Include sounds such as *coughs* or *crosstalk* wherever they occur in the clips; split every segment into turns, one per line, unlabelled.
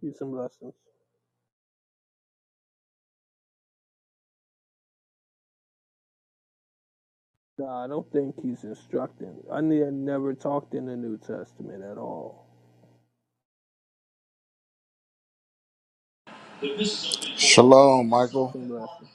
Peace and blessings. Nah, I don't think he's instructing. I never talked in the New Testament at all.
Shalom,
Peace
Michael.
and blessings.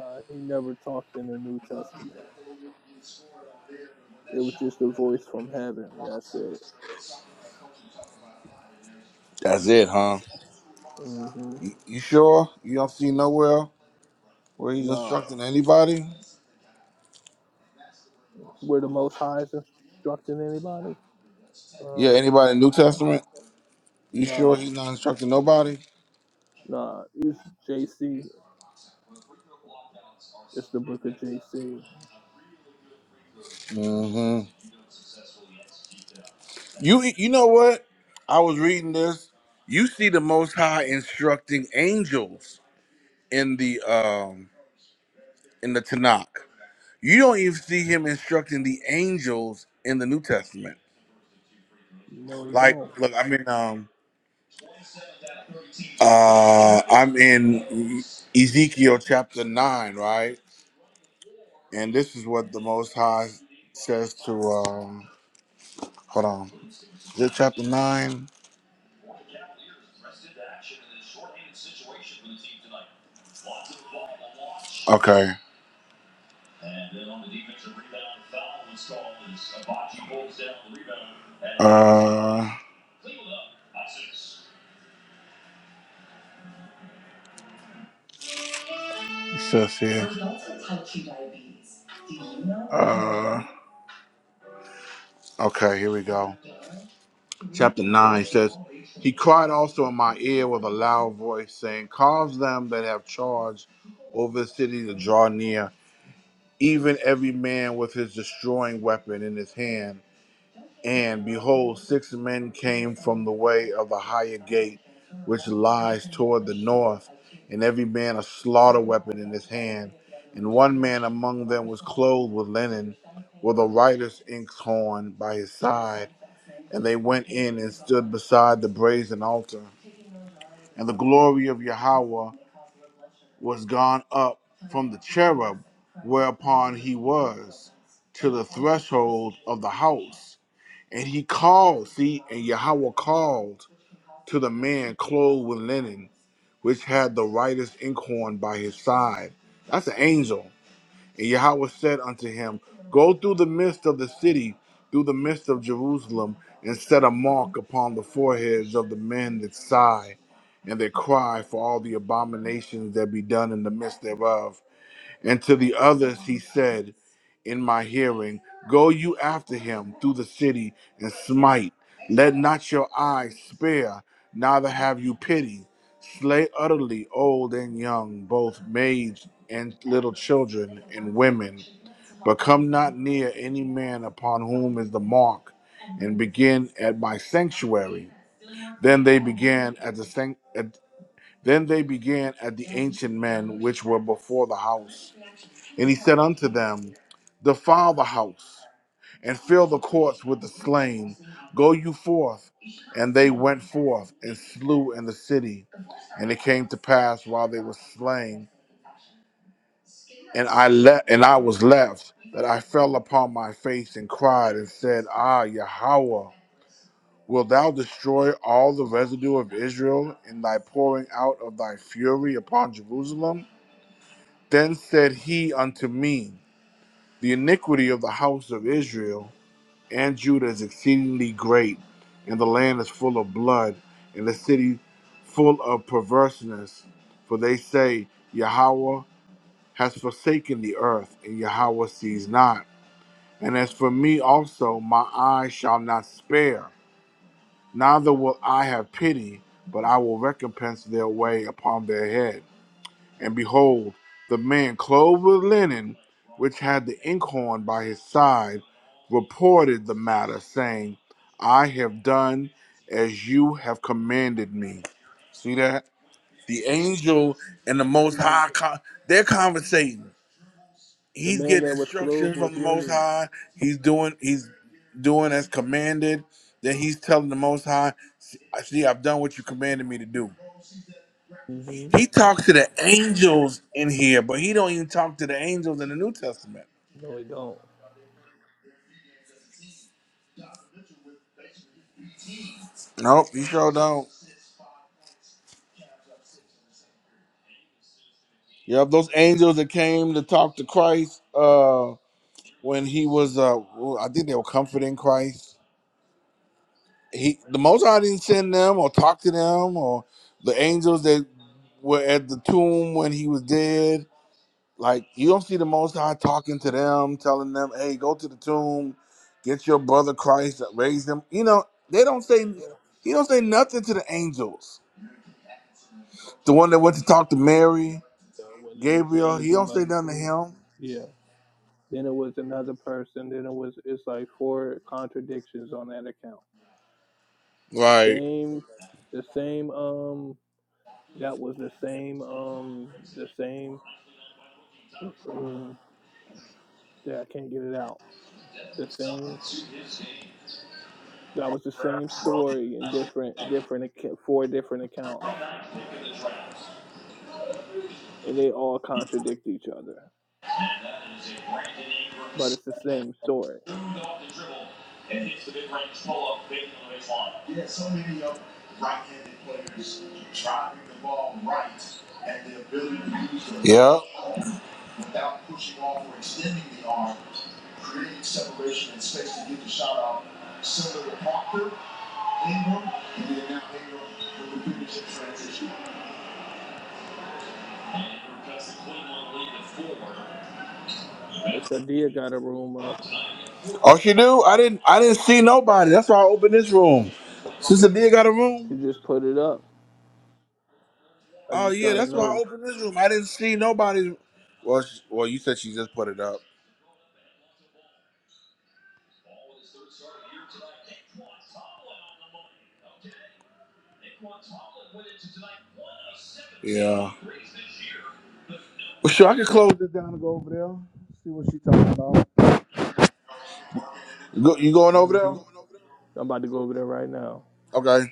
Uh, he never talked in the New Testament. It was just a voice from heaven. That's it.
That's it, huh?
hmm
You, you sure? You don't see nowhere where he's
Nah,
instructing anybody?
were the Most High is instructing anybody?
Yeah,
Um,
anybody in the New Testament? You sure
nah,
he's not instructing nobody?
nah. It's JC. It's the book of JC.
hmm You you know what? I was reading this. You see the Most High instructing angels in the um in the Tanakh. You don't even see him instructing the angels in the New Testament.
No, he
Like,
don't.
look, I mean, um, Uh, I'm in Ezekiel chapter 9, right? And this is what the Most High says to, um, hold on. Is it chapter 9? Okay. Uh, it says here. Uh, okay, here we go. chapter 9 says, He cried also in my ear with a loud voice, saying, Cause them that have charge over the city to draw near, even every man with his destroying weapon in his hand. And behold, six men came from the way of the higher gate, which lies toward the north, and every man a slaughter weapon in his hand. And one man among them was clothed with linen, with a writer's inkhorn by his side and they went in and stood beside the brazen altar. And the glory of Yahweh was gone up from the cherub whereupon he was to the threshold of the house. And he called, see, and Yahweh called to the man clothed with linen, which had the writer's inkhorn by his side. That's an angel and Yahweh said unto him, Go through the midst of the city, through the midst of Jerusalem, and set a mark upon the foreheads of the men that sigh and that cry for all the abominations that be done in the midst thereof. And to the others he said in my hearing, Go you after him through the city and smite. Let not your eyes spare, neither have you pity. Slay utterly old and young, both maids and little children and women. But come not near any man upon whom is the mark, and begin at my sanctuary. Then they began at the sanct- at, then they began at the ancient men which were before the house and he said unto them, Defile the house, and fill the courts with the slain. Go you forth. And they went forth and slew in the city. And it came to pass while they were slain, and I le- and I was left, that I fell upon my face and cried and said, Ah, Yahweh, wilt thou destroy all the residue of Israel in thy pouring out of thy fury upon Jerusalem? Then said he unto me, The iniquity of the house of Israel and Judah is exceedingly great, and the land is full of blood, and the city full of perverseness. For they say, Yahweh has forsaken the earth, and Yahweh sees not. And as for me also, my eye shall not spare, neither will I have pity, but I will recompense their way upon their head. And behold, the man clothed with linen, which had the inkhorn by his side, reported the matter, saying, I have done as you have commanded me. See that? The angel and the
That's
Most
an
High,
angel.
con- they're conversating.
The
He's
man
getting
that was clothed
instructions
was
from the Most
living.
High. He's doing, he's doing as commanded. Then he's telling the Most High, "See, I see, I've done what you commanded me to do."
hmm
He talks to the angels in here, but he don't even talk to the angels in the New Testament.
No, he don't.
Nope, he sure don't. Yep, those angels that came to talk to Christ uh when he was uh well, I think they were comforting Christ. He the most High, didn't send them or talk to them or the angels that were at the tomb when he was dead Like you don't see the Most High talking to them, telling them, "Hey, go to the tomb, get your brother Christ, raise them." You know, they don't say he don't say nothing to the angels. The one that went to talk to Mary,
Yeah, when it was the
Gabriel, he
angel
don't
by
say
the
nothing to
tomb.
him.
Yeah. Then it was another person. Then it was. It's like four contradictions on that account. The
Like
same, the same. Um, that was the same. Um, the same. *clears throat* that I can't get it out. The same. That was the same story in different, different acc- four different accounts, and they all contradict each other, but it's the same story.
yeah. so many young right-handed players driving the ball right and the ability to use it. Yeah.
Miss Adia got a room up.
Oh, she do. I didn't. I didn't see nobody. That's why I opened this room. Sister D got a
She
room.
just put it up. I
Oh
just
yeah,
got a
that's why I
notice.
opened this room. I didn't see nobody. Well, sh well, you said she just put it up. Yeah. Well, sure, I can close this down and go over there. See what she talking about. You, go, you going over there?
hmm I'm about to go over there right now.
Okay.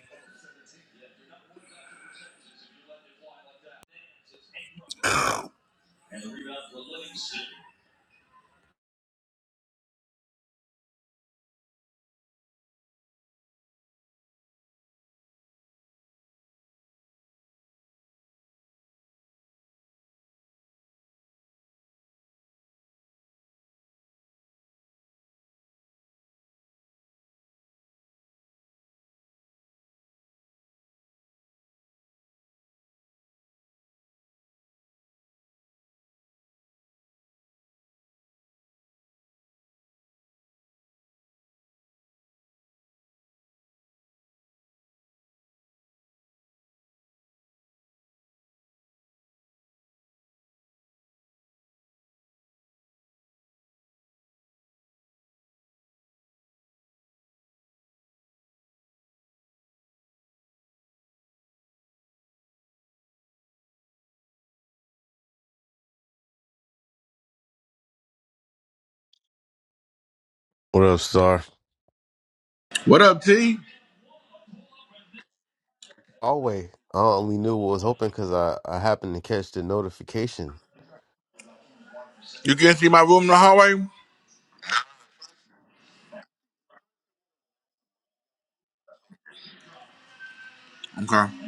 What up, Star?
What up, T?
hallway. I only knew what was open because I, I happened to catch the notification.
You can see my room in the hallway. Okay. Left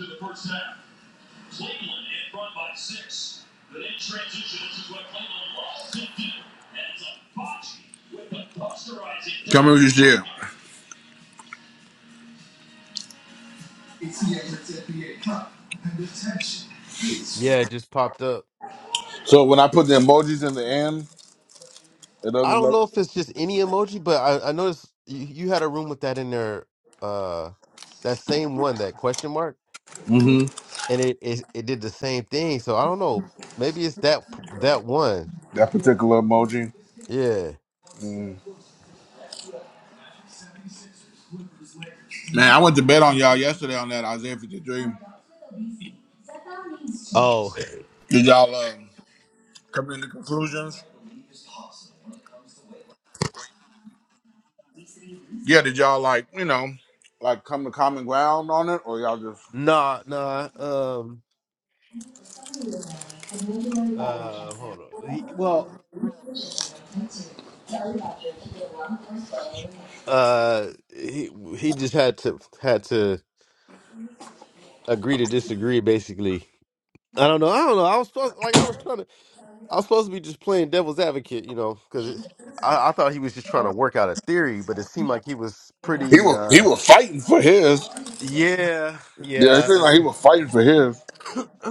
in the first half. Cleveland in front by six. But in transition, this is where Cleveland lost to Duke. And it's a botch with the posterizing. Tell me what you see.
Yeah, it just popped up.
So when I put the emojis in the end, it
I don't
doesn't
know if it's just any emoji, but I, I noticed you, you had a room with that in there, uh, that same one, that question mark,
look.
and it, it it did the same thing. So I don't know. Maybe it's that that one.
That particular emoji.
Yeah.
Man, I went to bed on y'all yesterday on that Isaiah 53.
Oh,
Did y'all uh, come to conclusions? Yeah, did y'all like, you know, like come to common ground on it? Or y'all just
*laughs* nah, nah. Um, uh, hold on. He, well, uh, he he just had to had to agree to disagree, basically. I don't know. I don't know. I was supposed like I was trying to. I was supposed to be just playing devil's advocate, you know, because I, I thought he was just trying to work out a theory, but it seemed like he was
He
pretty.
was he
uh
was fighting for his.
Yeah,
Yeah, it
yeah.
seemed like he was fighting for his.
*coughs*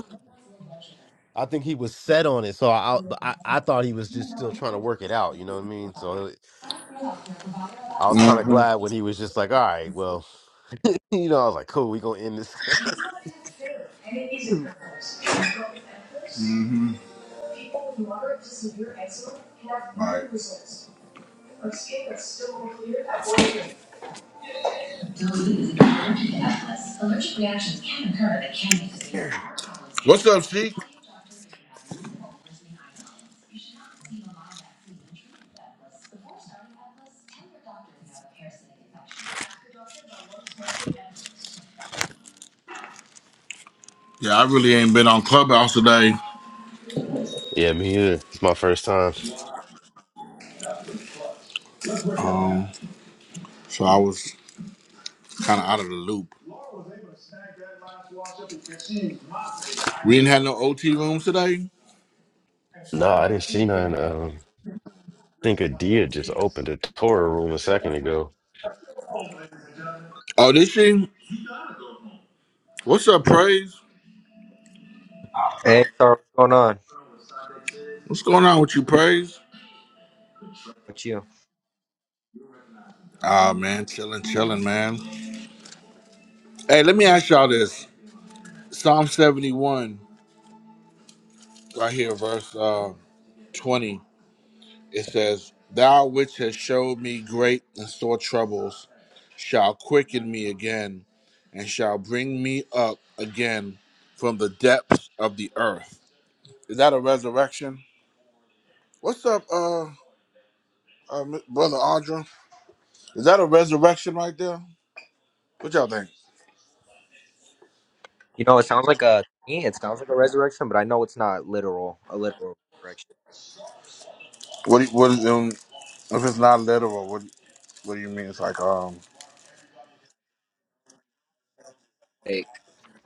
I think he was set on it, so I, I I thought he was just still trying to work it out. You know what I mean? So I was kind of
hmm
glad when he was just like, "All right, well." *laughs* You know, I was like, "Cool, we gonna end this." *laughs*
Right. What's up, Sheik? Yeah, I really ain't been on Clubhouse today,
Yeah, me either. It's my first time.
um, so I was kind of out of the loop. We didn't have no OT rooms today.
No, I didn't see none. Um, I think Adia just opened a Torah room a second ago.
Oh, this she? What's up, Praise?
Hey, sorry, what's going on?
What's going on with you, Praise?
What you?
Ah, man, chilling, chilling, man. Hey, let me ask y'all this. Psalm 71, right here, verse uh, 20, it says, Thou which hast showed me great and sore troubles shall quicken me again and shall bring me up again from the depths of the earth. Is that a resurrection? What's up, uh, uh M- brother Audra? Is that a resurrection right there? What y'all think?
You know, it sounds like a it sounds like a resurrection, but I know it's not literal, a literal resurrection.
What, do you- what is, um, if it's not literal, what, do you- what do you mean? It's like, um,
Like,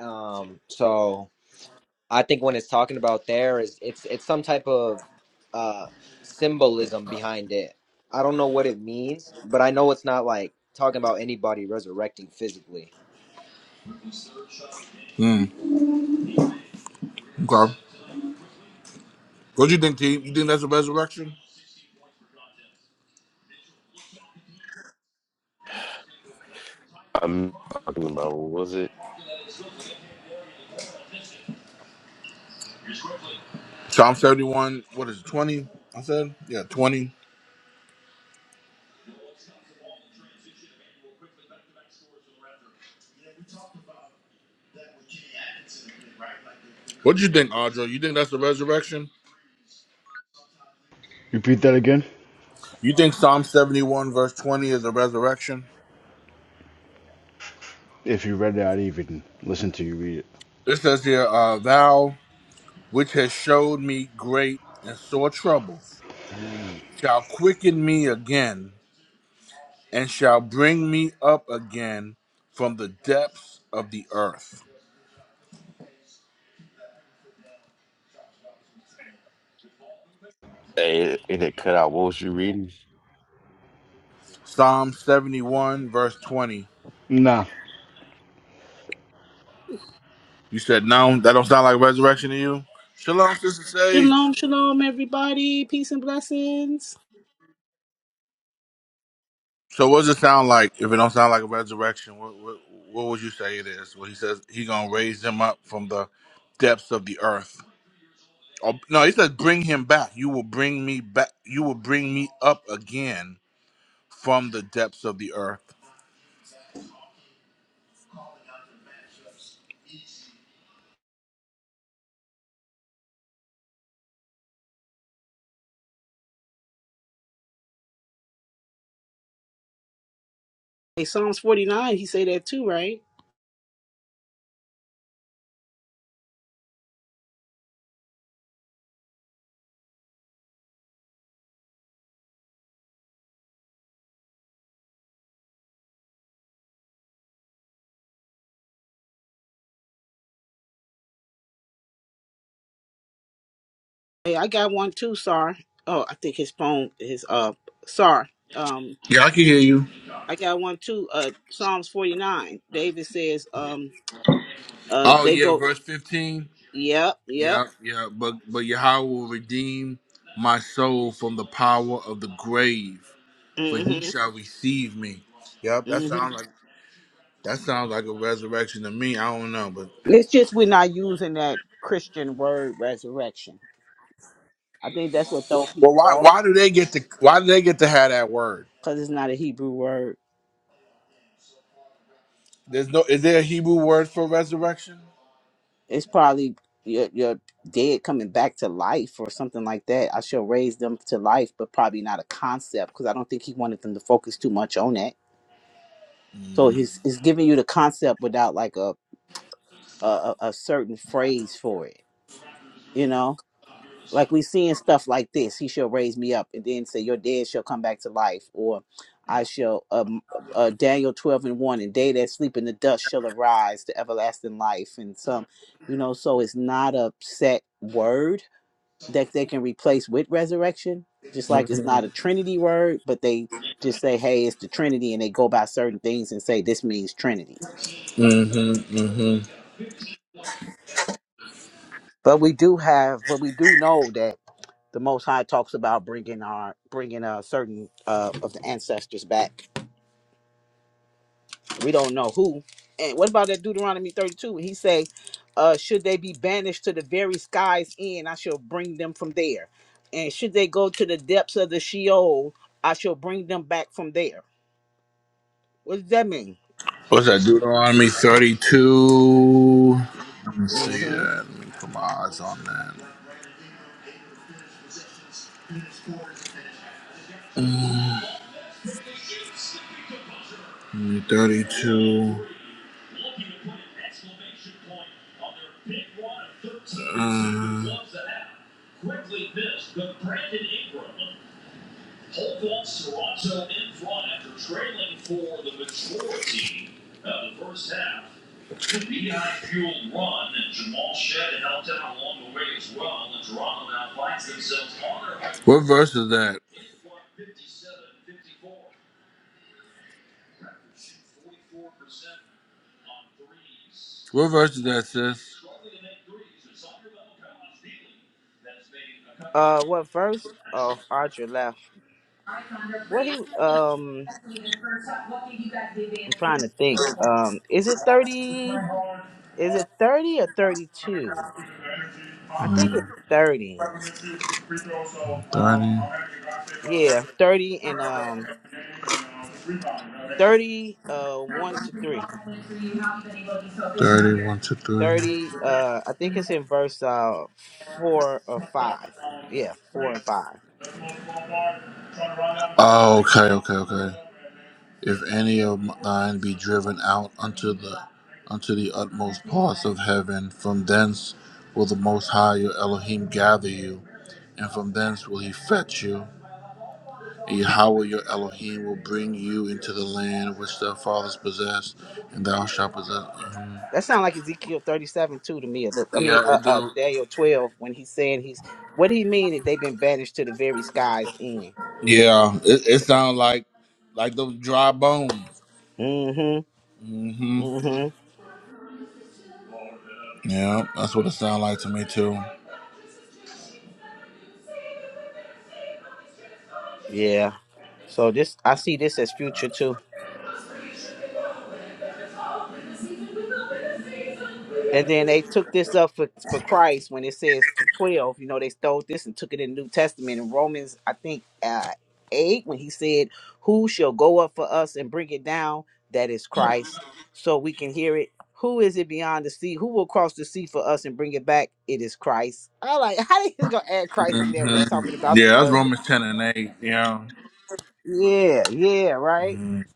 um, so I think when it's talking about there is it's it's some type of uh symbolism behind it. I don't know what it means, but I know it's not like talking about anybody resurrecting physically.
Hmm, okay. What do you think, T? You think that's a resurrection?
I'm talking about what was it?
Psalm 71, what is it, 20? I said? Yeah, 20. What do you think, Audra? You think that's a resurrection?
Repeat that again?
You think Psalm 71, verse 20 is a resurrection?
If you read it, I'd even listen to you read it.
It says here, uh, Thou which has showed me great and sore troubles, shall quicken me again, and shall bring me up again from the depths of the earth.
Hey, it, it cut out. What was you reading?
Psalm 71, verse 20.
Nah,
You said, No, that don't sound like resurrection to you? Shalom, Sister Sage.
Shalom, shalom, everybody. Peace and blessings.
So what does it sound like? If it don't sound like a resurrection, what what, what would you say it is? Well, he says he gonna raise him up from the depths of the earth. Oh, no, he says bring him back. You will bring me back. You will bring me up again from the depths of the earth.
Hey, Psalms 49, he say that too, right? Hey, I got one too, Sar. Oh, I think his phone is uh Sar. Um
Yeah, I can hear you.
I got one too, uh Psalms 49. David says, um uh
Oh
they
yeah,
go
verse fifteen.
Yep, yep.
Yeah, yeah. But but Yahweh will redeem my soul from the power of the grave, for he
Mm-hmm.
shall receive me. Yep, that
Mm-hmm.
sounds like that sounds like a resurrection to me. I don't know, but.
It's just we're not using that Christian word resurrection. I think that's what throw
Well,
people
why
off
why do they get to why do they get to have that word?
because it's not a Hebrew word.
There's no is there a Hebrew word for resurrection?
it's probably your your dead coming back to life or something like that. I shall raise them to life, but probably not a concept because I don't think he wanted them to focus too much on that. So he's he's giving you the concept without like a a, a a certain phrase for it. You know, like we seeing stuff like this. He shall raise me up, and then say your dead shall come back to life, or I shall um uh, uh, Daniel twelve and one, and they that sleep in the dust shall arise to everlasting life, and some, you know. So it's not a set word that they can replace with resurrection. Just like it's not
Mm-hmm.
a Trinity word, but they just say, "Hey, it's the Trinity," and they go by certain things and say this means Trinity.
Mm-hmm. Mm-hmm.
But we do have, but we do know that the Most High talks about bringing our bringing a certain uh, of the ancestors back. We don't know who. And what about that Deuteronomy thirty-two? He say, uh, "Should they be banished to the very skies end, I shall bring them from there, and should they go to the depths of the Sheol, I shall bring them back from there." What does that mean?
What's that? Deuteronomy thirty two. Let me see
Mm-hmm.
that. Let me put my eyes on that. Deuteronomy thirty two. Uh, what verse is that? What verse is that, sis?
Uh, what verse? Oh, Archer left. What he? Um, I'm trying to think. Um, is it thirty? Is it thirty or thirty-two? I think it's thirty. Yeah, thirty and um, thirty. Uh, one to three.
Thirty. Thirty. One, two, three.
Thirty. Uh, I think it's in verse uh four or five. Yeah, four and five.
Oh, okay, okay, okay. If any of thine be driven out unto the unto the utmost parts of heaven, from thence will the Most High your Elohim gather you, and from thence will he fetch you. Yahweh your Elohim will bring you into the land which their fathers possessed, and thou shalt possess. Mhm.
That sounds like Ezekiel thirty-seven too to me. A little. I mean,
Yeah,
uh,
it
uh,
do.
Daniel twelve when he's saying he's what do he mean that they've been banished to the very sky's end?
Yeah, it, it sounds like like those dry bones.
Mm-hmm.
hmm
Mm-hmm.
Yeah, that's what it sounds like to me too.
Yeah. So this I see this as future too. And then they took this up for, for Christ when it says twelve. You know, they stole this and took it in the New Testament in Romans, I think uh eight, when he said, Who shall go up for us and bring it down? That is Christ. So we can hear it. Who is it beyond the sea? Who will cross the sea for us and bring it back? It is Christ. I like *laughs* how they just gonna add Christ in there
hmm
when it's talking about
Yeah,
the
that's
word.
Romans ten and eight. Yeah,
Yeah, yeah, right.
Mhm.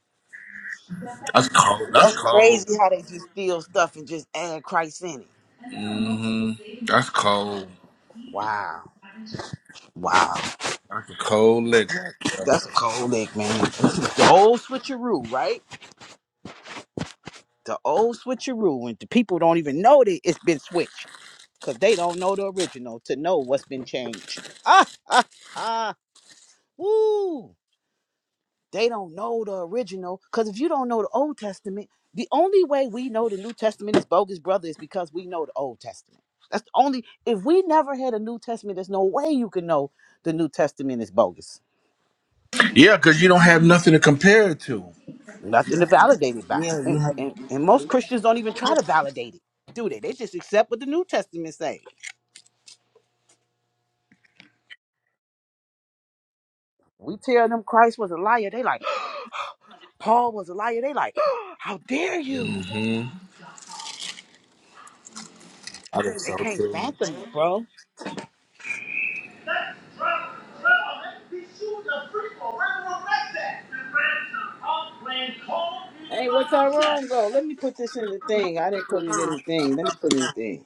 that's cold. That's
That's
cold.
crazy how they just steal stuff and just add Christ in it.
hmm That's cold.
Wow. Wow.
That's a cold lick.
That's a cold lick, man. *laughs* This is the old switcheroo, right? The old switcheroo. And the people don't even know that it's been switched because they don't know the original to know what's been changed. *laughs* Ah, ah, woo. They don't know the original. Because if you don't know the Old Testament, the only way we know the New Testament is bogus, brother, is because we know the Old Testament. That's the only, if we never had a New Testament, there's no way you can know the New Testament is bogus.
Yeah, because you don't have nothing to compare it to.
Nothing to validate it by.
Yeah, you
And,
have.
and, and most Christians don't even try to validate it, do they? They just accept what the New Testament say. We tell them Christ was a liar. They like, *gasps* Paul was a liar. They like, *gasps* how dare you?
I think
They
so
can't
too.
fathom it, bro. Hey, what's our wrong go? Let me put this in the thing. I didn't put it in the thing. Let me put it in the thing.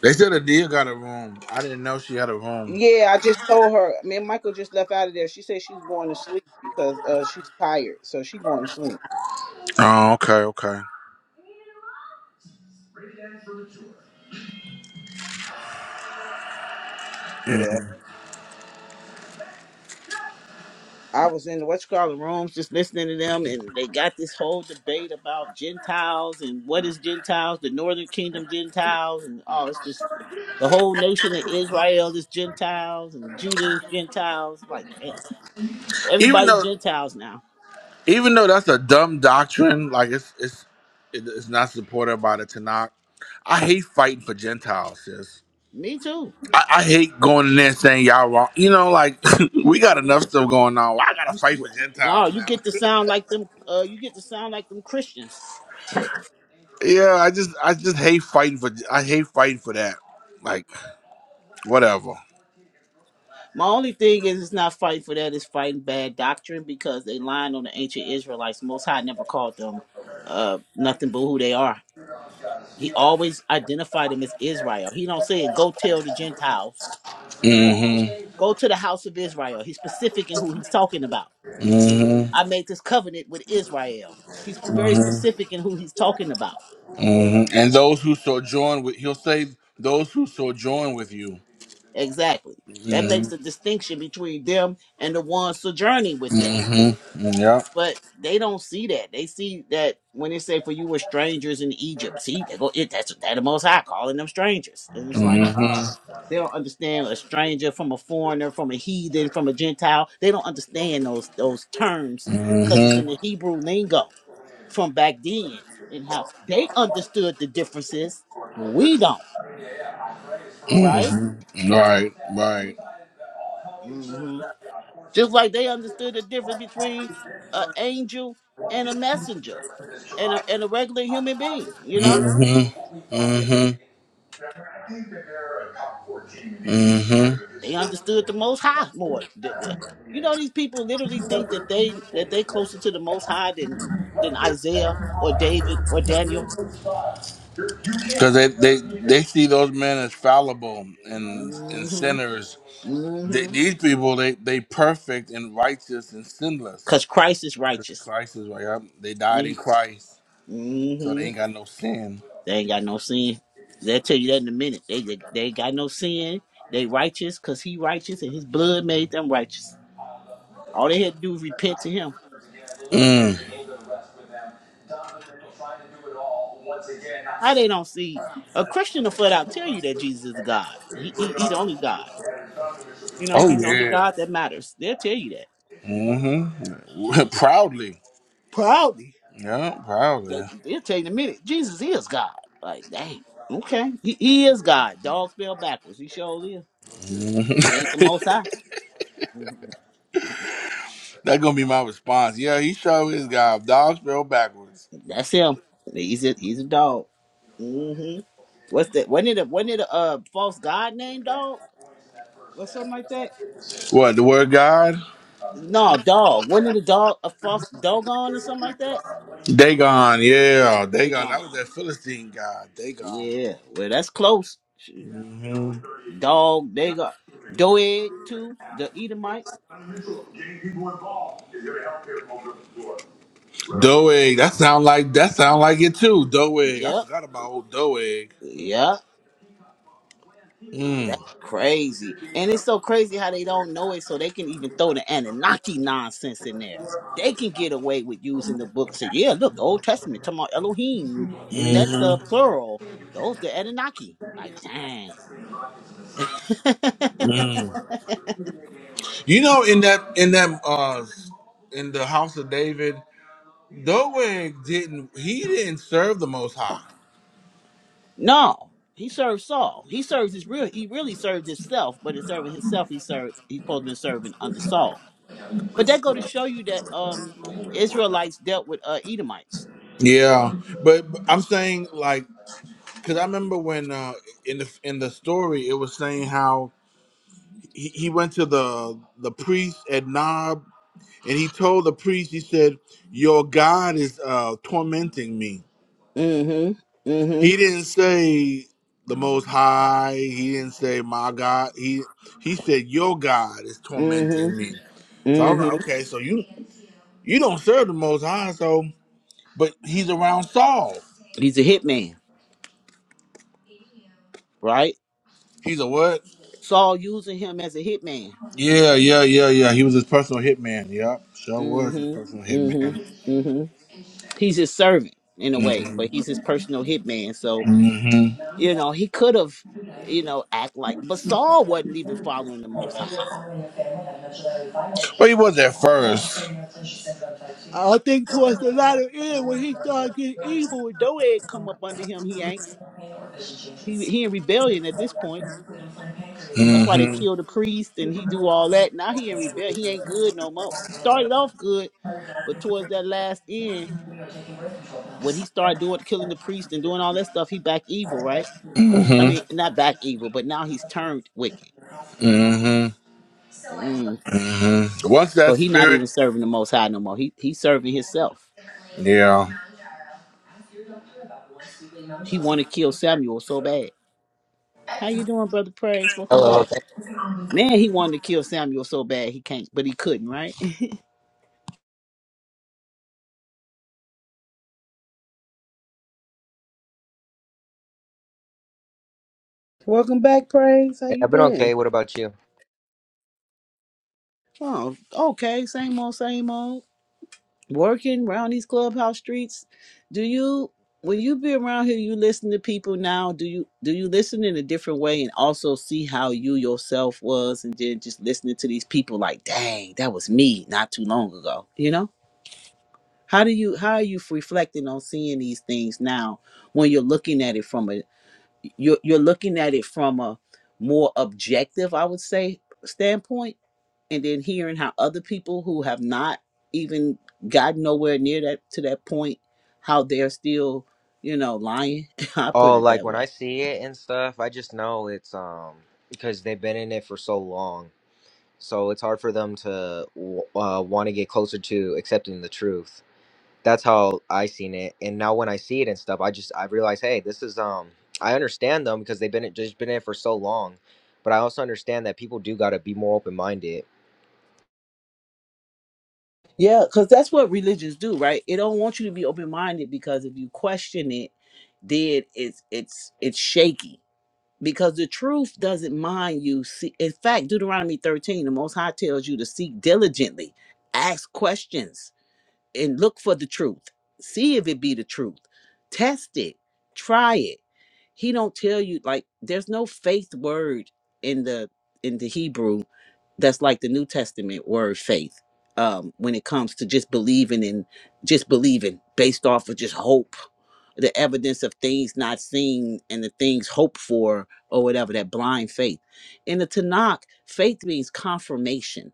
They said Adia got a room. I didn't know she had a room.
Yeah, I just told her. Me and Michael just left out of there. She said she's going to sleep because uh she's tired, so she going to sleep.
Oh, okay, okay.
Yeah. I was in the what you call the rooms just listening to them, and they got this whole debate about Gentiles and what is Gentiles, the Northern Kingdom Gentiles, and oh, it's just the whole nation of Israel is Gentiles and Judah is Gentiles. Like, damn,
Even
everybody's
though,
Gentiles now.
even though that's a dumb doctrine, like it's it's it- it's not supported by the Tanakh. I hate fighting for Gentiles, sis.
Me too.
I, I hate going in there saying y'all wrong. You know, like *laughs* we got enough stuff going on. Why I
You
gotta
s-
fight for
well, No,
Gentiles
you
now.
get to sound like them. Uh, you get to sound like them Christians.
*laughs* yeah, I just I just hate fighting for I hate fighting for that. Like whatever.
My only thing is, it's not fighting for that. It's fighting bad doctrine because they lying on the ancient Israelites. Most High never called them uh, nothing but who they are. He always identified them as Israel. He don't say, "Go tell the Gentiles,
hmm
go to the house of Israel." He's specific in who he's talking about.
hmm
I made this covenant with Israel. He's very specific in who he's talking about.
hmm And those who sojourn with, he'll say, those who sojourn with you.
Exactly. That makes
Mm-hmm.
the distinction between them and the ones sojourning with them
Mm-hmm. Yeah.
but they don't see that. They see that when they say for you were strangers in Egypt. See, they go it that's that the most high calling them strangers. And it's like uh
Mm-hmm.
they don't understand a stranger from a foreigner, from a heathen, from a Gentile. They don't understand those those terms because it's in
Mm-hmm.
the Hebrew lingo from back then and how they understood the differences. We don't, right?
Right. Right.
Just like they understood the difference between an angel and a messenger and a, and a regular human being, you know?
Mm-hmm. Mm-hmm. Mm-hmm.
They understood the most high more. Th- th- You know, these people literally think that they that they closer to the most high than than Isaiah or David or Daniel.
Because they, they, they see those men as fallible and and
Mm-hmm.
sinners. They,
Mm-hmm.
these people, they they perfect and righteous and sinless.
Cause Christ is
'Cause
righteous.
Christ is right. Yep. They died
Mm-hmm.
in Christ, so they
Mm-hmm.
ain't got no sin.
They ain't got no sin. They'll tell you that in a minute. They they, they ain't got no sin. They righteous because he righteous and his blood made them righteous. All they had to do was repent to him.
Mm.
How they don't see a Christian will flat out tell you that Jesus is God. He, he he the only God. You know,
Oh
he's the only
yeah.
God that matters. They'll tell you that.
Mm-hmm. *laughs* proudly.
Proudly.
Yeah,
That
proudly.
they'll tell you in a minute. Jesus is God. Like, dang. Okay. He, he is God. Dog spell backwards. He sure is.
Mhm.
He ain't the most
*laughs*
high. *laughs*
That's gonna be my response. Yeah, he showed his God. Dog spelled backwards.
That's him. He's a he's a dog. hmm What's that? Wasn't it a wasn't it a uh, false God named dog? Or something like that?
What, the word God?
No, dog. Wasn't it a dog, a false dog on or something like that?
Dagon, yeah.
They
Dagon. That was
gone.
that Philistine god. Dagon.
Yeah, well, that's close. Shoot. Dog, they got Doeg too, the Edomite.
Doeg. That sound like that sound like it too. Doeg. I
Yep,
forgot about old Doeg.
yep.
Mm.
That's crazy. And it's so crazy how they don't know it, so they can even throw the Anunnaki nonsense in there. They can get away with using the book and say, yeah, look, the Old Testament talking about Elohim, and that's the
hmm
plural. Those the Anunnaki. Like, dang. *laughs*
You know, in that in that uh in the house of David, Doeg didn't he didn't serve the Most High.
No, he served Saul. He serves his real. He really served himself, but in serving himself, he served. He's supposed to be serving under Saul. But that go to show you that um Israelites dealt with uh Edomites.
Yeah, but, but I'm saying like because I remember when uh in the in the story it was saying how he, he went to the the priest at Nob and he told the priest he said your God is uh tormenting me
Mm-hmm.
He
Mm-hmm.
didn't say the most high. He didn't say my God. He he said your God is tormenting
Mm-hmm.
me. So I'm like,
Mm-hmm.
okay, so you you don't serve the most high, so but he's around Saul.
He's a hitman, right?
He's a what?
Saul using him as a hitman.
Yeah, yeah, yeah, yeah. He was his personal hitman. Yep, sure was his personal
Mm-hmm.
hitman.
Mm-hmm. Mm-hmm. He's his servant in a way,
Mm-hmm.
but he's his personal hitman. So,
hmm
you know, he could have, you know, act like but Saul wasn't even following the most high.
Well, he was at first.
I think towards the latter end when he started getting evil, Doeg come up under him. He ain't he he in rebellion at this point. That's why they
Mm-hmm.
kill the priest and he do all that. Now he in rebellion. He ain't good no more. He started off good, but towards that last end, when he started doing killing the priest and doing all that stuff, he back evil, right? I
Mm-hmm.
mean, not back evil, but now he's turned wicked.
Mm-hmm.
Mm.
hmm Once
So
that
he not
spirit,
even serving the Most High no more. He he's serving himself.
yeah.
He want to kill Samuel so bad. How you doing, brother? Praise. Welcome back.
Hello.
Man, he wanted to kill Samuel so bad he can't, but he couldn't, right? *laughs* Welcome back, Praise. How
Hey,
you
I've been okay.
been?
What about you?
Oh, okay. Same old, same old. Working around these clubhouse streets. Do you when you be around here, you listen to people now? Do you do you listen in a different way and also see how you yourself was and then just listening to these people like, dang, that was me not too long ago. You know? How do you how are you reflecting on seeing these things now when you're looking at it from a you're you're looking at it from a more objective, I would say, standpoint, and then hearing how other people who have not even gotten nowhere near that to that point, how they're still, you know, lying. *laughs* I put
Oh,
it
like
that
when I
way.
see it and stuff, I just know it's um because they've been in it for so long so it's hard for them to uh, want to get closer to accepting the truth that's how i seen it and now when i see it and stuff i just i realize hey this is um i understand them because they've been just been in it for so long but i also understand that people do got to be more open-minded
Yeah, because that's what religions do, right? It don't want you to be open minded because if you question it, then it's it's it's shaky because the truth doesn't mind you. See, in fact, Deuteronomy 13, the Most High tells you to seek diligently, ask questions and look for the truth. See if it be the truth. Test it. Try it. He don't tell you like there's no faith word in the in the Hebrew that's like the New Testament word faith. Um, when it comes to just believing and just believing based off of just hope, the evidence of things not seen and the things hoped for or whatever, that blind faith. In the Tanakh, faith means confirmation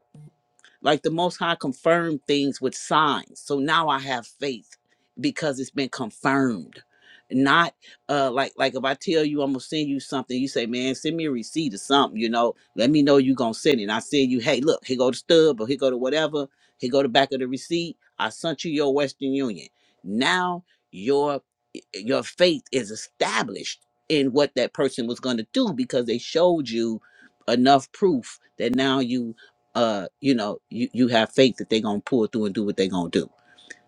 like the Most High confirmed things with signs. So now I have faith because it's been confirmed. Not uh like like if I tell you I'm gonna send you something, you say, Man, send me a receipt or something, you know, let me know you gonna send it. And I send you, hey, look, here go the stub or here go to whatever, here go the back of the receipt. I sent you your Western Union. Now your eh, your faith is established in what that person was gonna do because they showed you enough proof that now you uh, you know, you, you have faith that they're gonna pull through and do what they're gonna do.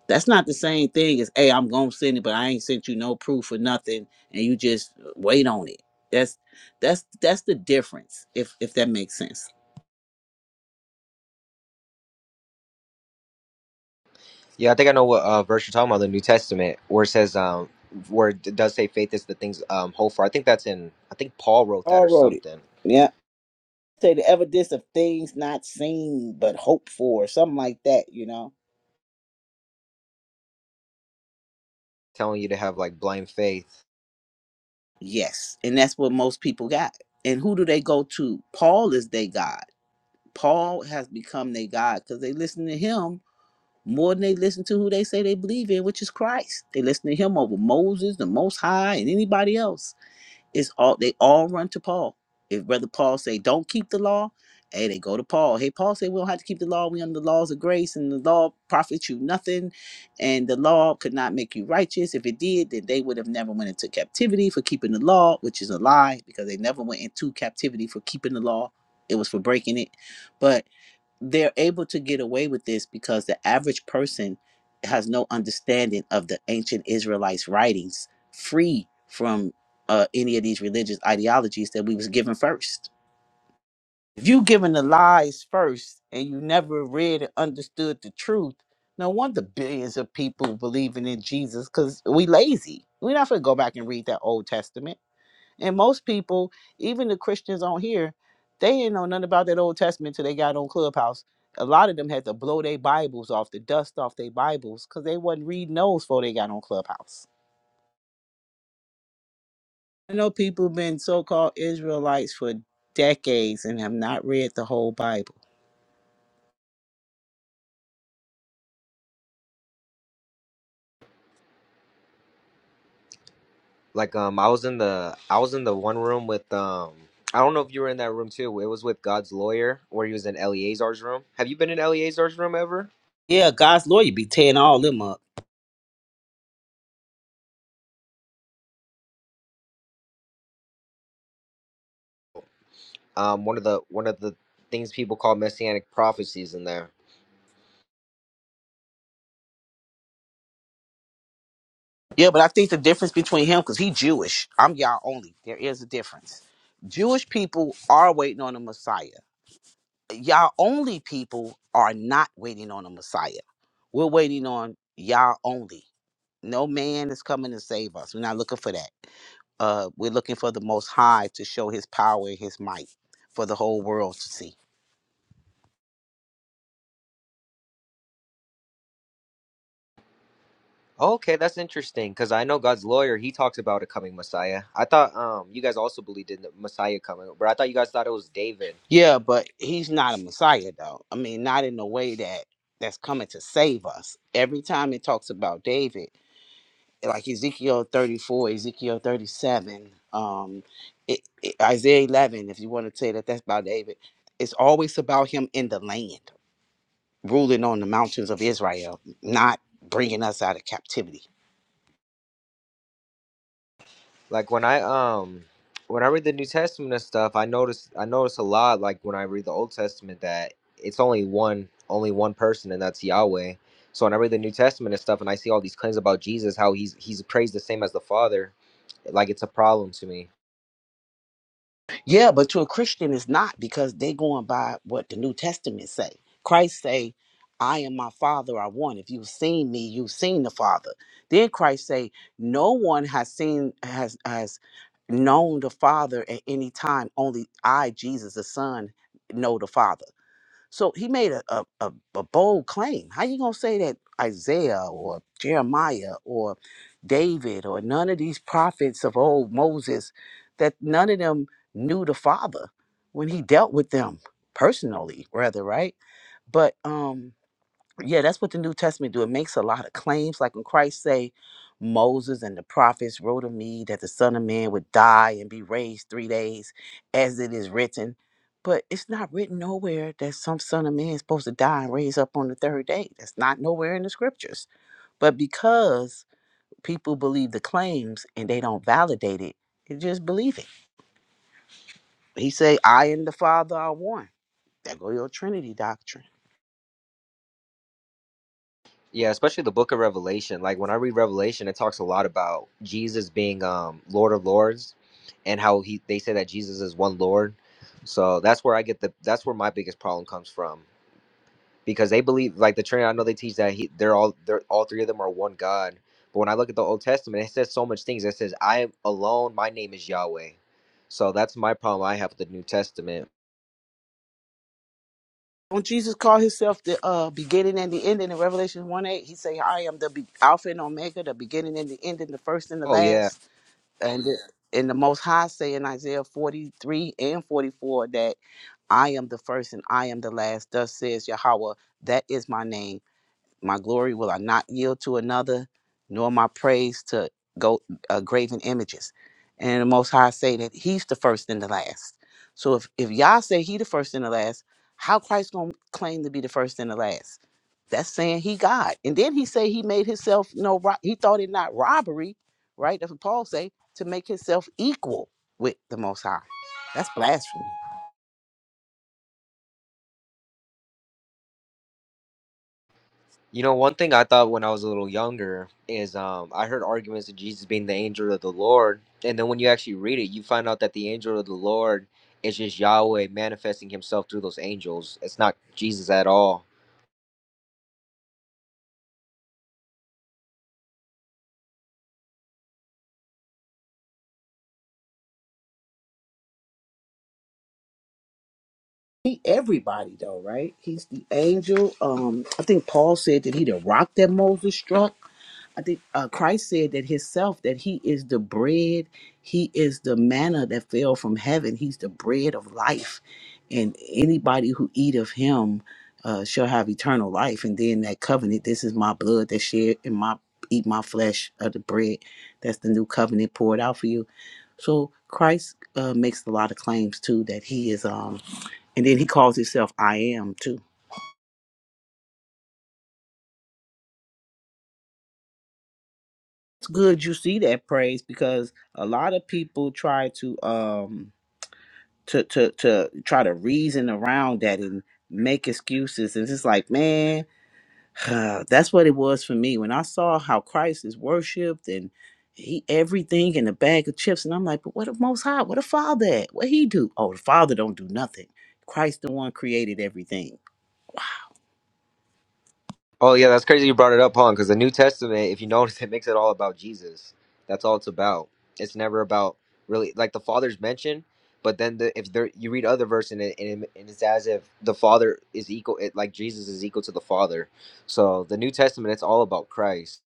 That's not the same thing as, hey, I'm gonna send it, but I ain't sent you no proof or nothing, and you just wait on it. That's that's that's the difference, if if that makes sense.
yeah i think i know what uh, verse you're talking about the new testament where it says um where it does say faith is the things um hope for i think that's in i think paul wrote that or
All wrote it.
something
Yeah. Say the evidence of things not seen but hoped for, something like that, you know?
telling you to have like blind faith
Yes. And that's what most people got. And who do they go to? Paul is their God. Paul has become their God because they listen to him more than they listen to who they say they believe in, which is Christ. They listen to him over Moses, the Most High, and anybody else. It's all they all run to Paul. If Brother Paul say, "Don't keep the law," hey, they go to Paul. Hey, Paul said, "We don't have to keep the law. We under the laws of grace, and the law profits you nothing, and the law could not make you righteous. If it did, then they would have never went into captivity for keeping the law, which is a lie because they never went into captivity for keeping the law. It was for breaking it, but." they're able to get away with this because the average person has no understanding of the ancient Israelites' writings, free from uh, any of these religious ideologies that we was given first. If you given the lies first and you never read and understood the truth, no wonder billions of people believing in Jesus because we lazy. We're not gonna go back and read that Old Testament. And most people, even the Christians on here, they ain't know nothing about that Old Testament till they got on Clubhouse. A lot of them had to blow their Bibles off, the dust off their Bibles, because they wasn't reading those before they got on Clubhouse. I know people been so-called Israelites for decades and have not read the whole Bible.
Like um, I was in the I was in the one room with um. I don't know if you were in that room too. It was with God's lawyer, where he was in Eleazar's room. Have you been in Eleazar's room ever?
Yeah, God's lawyer be tearing all them up.
Um, one of the one of the things people call messianic prophecies in there.
Yeah, but I think the difference between him, because he Jewish, I'm y'all only. There is a difference. Jewish people are waiting on the Messiah. y'all only people are not waiting on a Messiah. We're waiting on y'all only. No man is coming to save us. We're not looking for that. Uh, we're looking for the Most High to show His power and His might for the whole world to see.
Okay, that's interesting because I know God's lawyer. He talks about a coming Messiah. I thought um you guys also believed in the Messiah coming, but I thought you guys thought it was David.
Yeah, but He's not a Messiah, though. I mean, not in the way that that's coming to save us. Every time it talks about David, like Ezekiel 34, Ezekiel 37, um, it, it- Isaiah 11, if you want to say that that's about David, it's always about him in the land, ruling on the mountains of Israel, not bringing us out of captivity.
Like when I um when I read the New Testament and stuff, I notice I notice a lot like when I read the Old Testament that it's only one only one person and that's Yahweh. So when I read the New Testament and stuff and I see all these claims about Jesus, how he's he's praised the same as the Father, like it's a problem to me.
Yeah, but to a Christian it's not because they going by what the New Testament say. Christ say, I am my father I one. If you've seen me, you've seen the Father. Then Christ say, No one has seen has has known the Father at any time. Only I, Jesus the Son, know the Father. So he made a, a, a, a bold claim. How you gonna say that Isaiah or Jeremiah or David or none of these prophets of old Moses that none of them knew the Father when he dealt with them personally, rather, right? But um yeah that's what the new testament do it makes a lot of claims like when christ say moses and the prophets wrote of me that the son of man would die and be raised three days as it is written but it's not written nowhere that some son of man is supposed to die and raise up on the third day that's not nowhere in the scriptures but because people believe the claims and they don't validate it they just believe it he say i and the father are one that go your trinity doctrine
Yeah, especially the book of Revelation. Like when I read Revelation, it talks a lot about Jesus being um Lord of Lords and how he they say that Jesus is one Lord. So that's where I get the that's where my biggest problem comes from. because they believe like the Trinity. I know they teach that he, they're all, they're all three of them are one God. But when I look at the Old Testament, it says so much things. It says, "I am alone. My name is Yahweh." So that's my problem I have with the New Testament.
When Jesus called himself the uh, beginning and the ending in Revelation 1 8, he say, I am the be- Alpha and Omega, the beginning and the ending, the first and the
Oh yeah,
last. And the, and the Most High say in Isaiah 43 and 44 that I am the first and I am the last. Thus says Yahweh, that is my name. My glory will I not yield to another, nor my praise to go uh, graven images. And the Most High say that He's the first and the last. So if if Yah say He the first and the last, how Christ gonna claim to be the first and the last? That's saying He God. And then He say He made Himself no. ro- He thought it not robbery, right? That's what Paul say to make Himself equal with the Most High. That's blasphemy.
you know one thing I thought when I was a little younger is um, I heard arguments of Jesus being the angel of the Lord, and then when you actually read it, you find out that the angel of the Lord is just Yahweh manifesting Himself through those angels. It's not Jesus at all.
He everybody though, right? He's the angel. Um, I think Paul said that he the rock that Moses struck. I think uh, Christ said that himself that he is the bread. He is the manna that fell from heaven. He's the bread of life, and anybody who eat of him uh, shall have eternal life. And then that covenant. This is my blood that shed in my eat my flesh of the bread. That's the new covenant poured out for you. So Christ uh, makes a lot of claims too that he is. Um, and then he calls himself I am too. It's good you see that praise because a lot of people try to um to to to try to reason around that and make excuses and it's like man *sighs* that's what it was for me when I saw how Christ is worshipped and he everything in a bag of chips and I'm like but what the most high what a father at what he do oh the father don't do nothing Christ the one created everything
Oh yeah, that's crazy you brought it up, Paul, because the New Testament, if you notice, *laughs* it makes it all about Jesus. That's all it's about. It's never about really like the Father's mentioned, but then the, if there you read other verse and it, and it- and it's as if the Father is equal, it, like Jesus is equal to the Father. So the New Testament, it's all about Christ.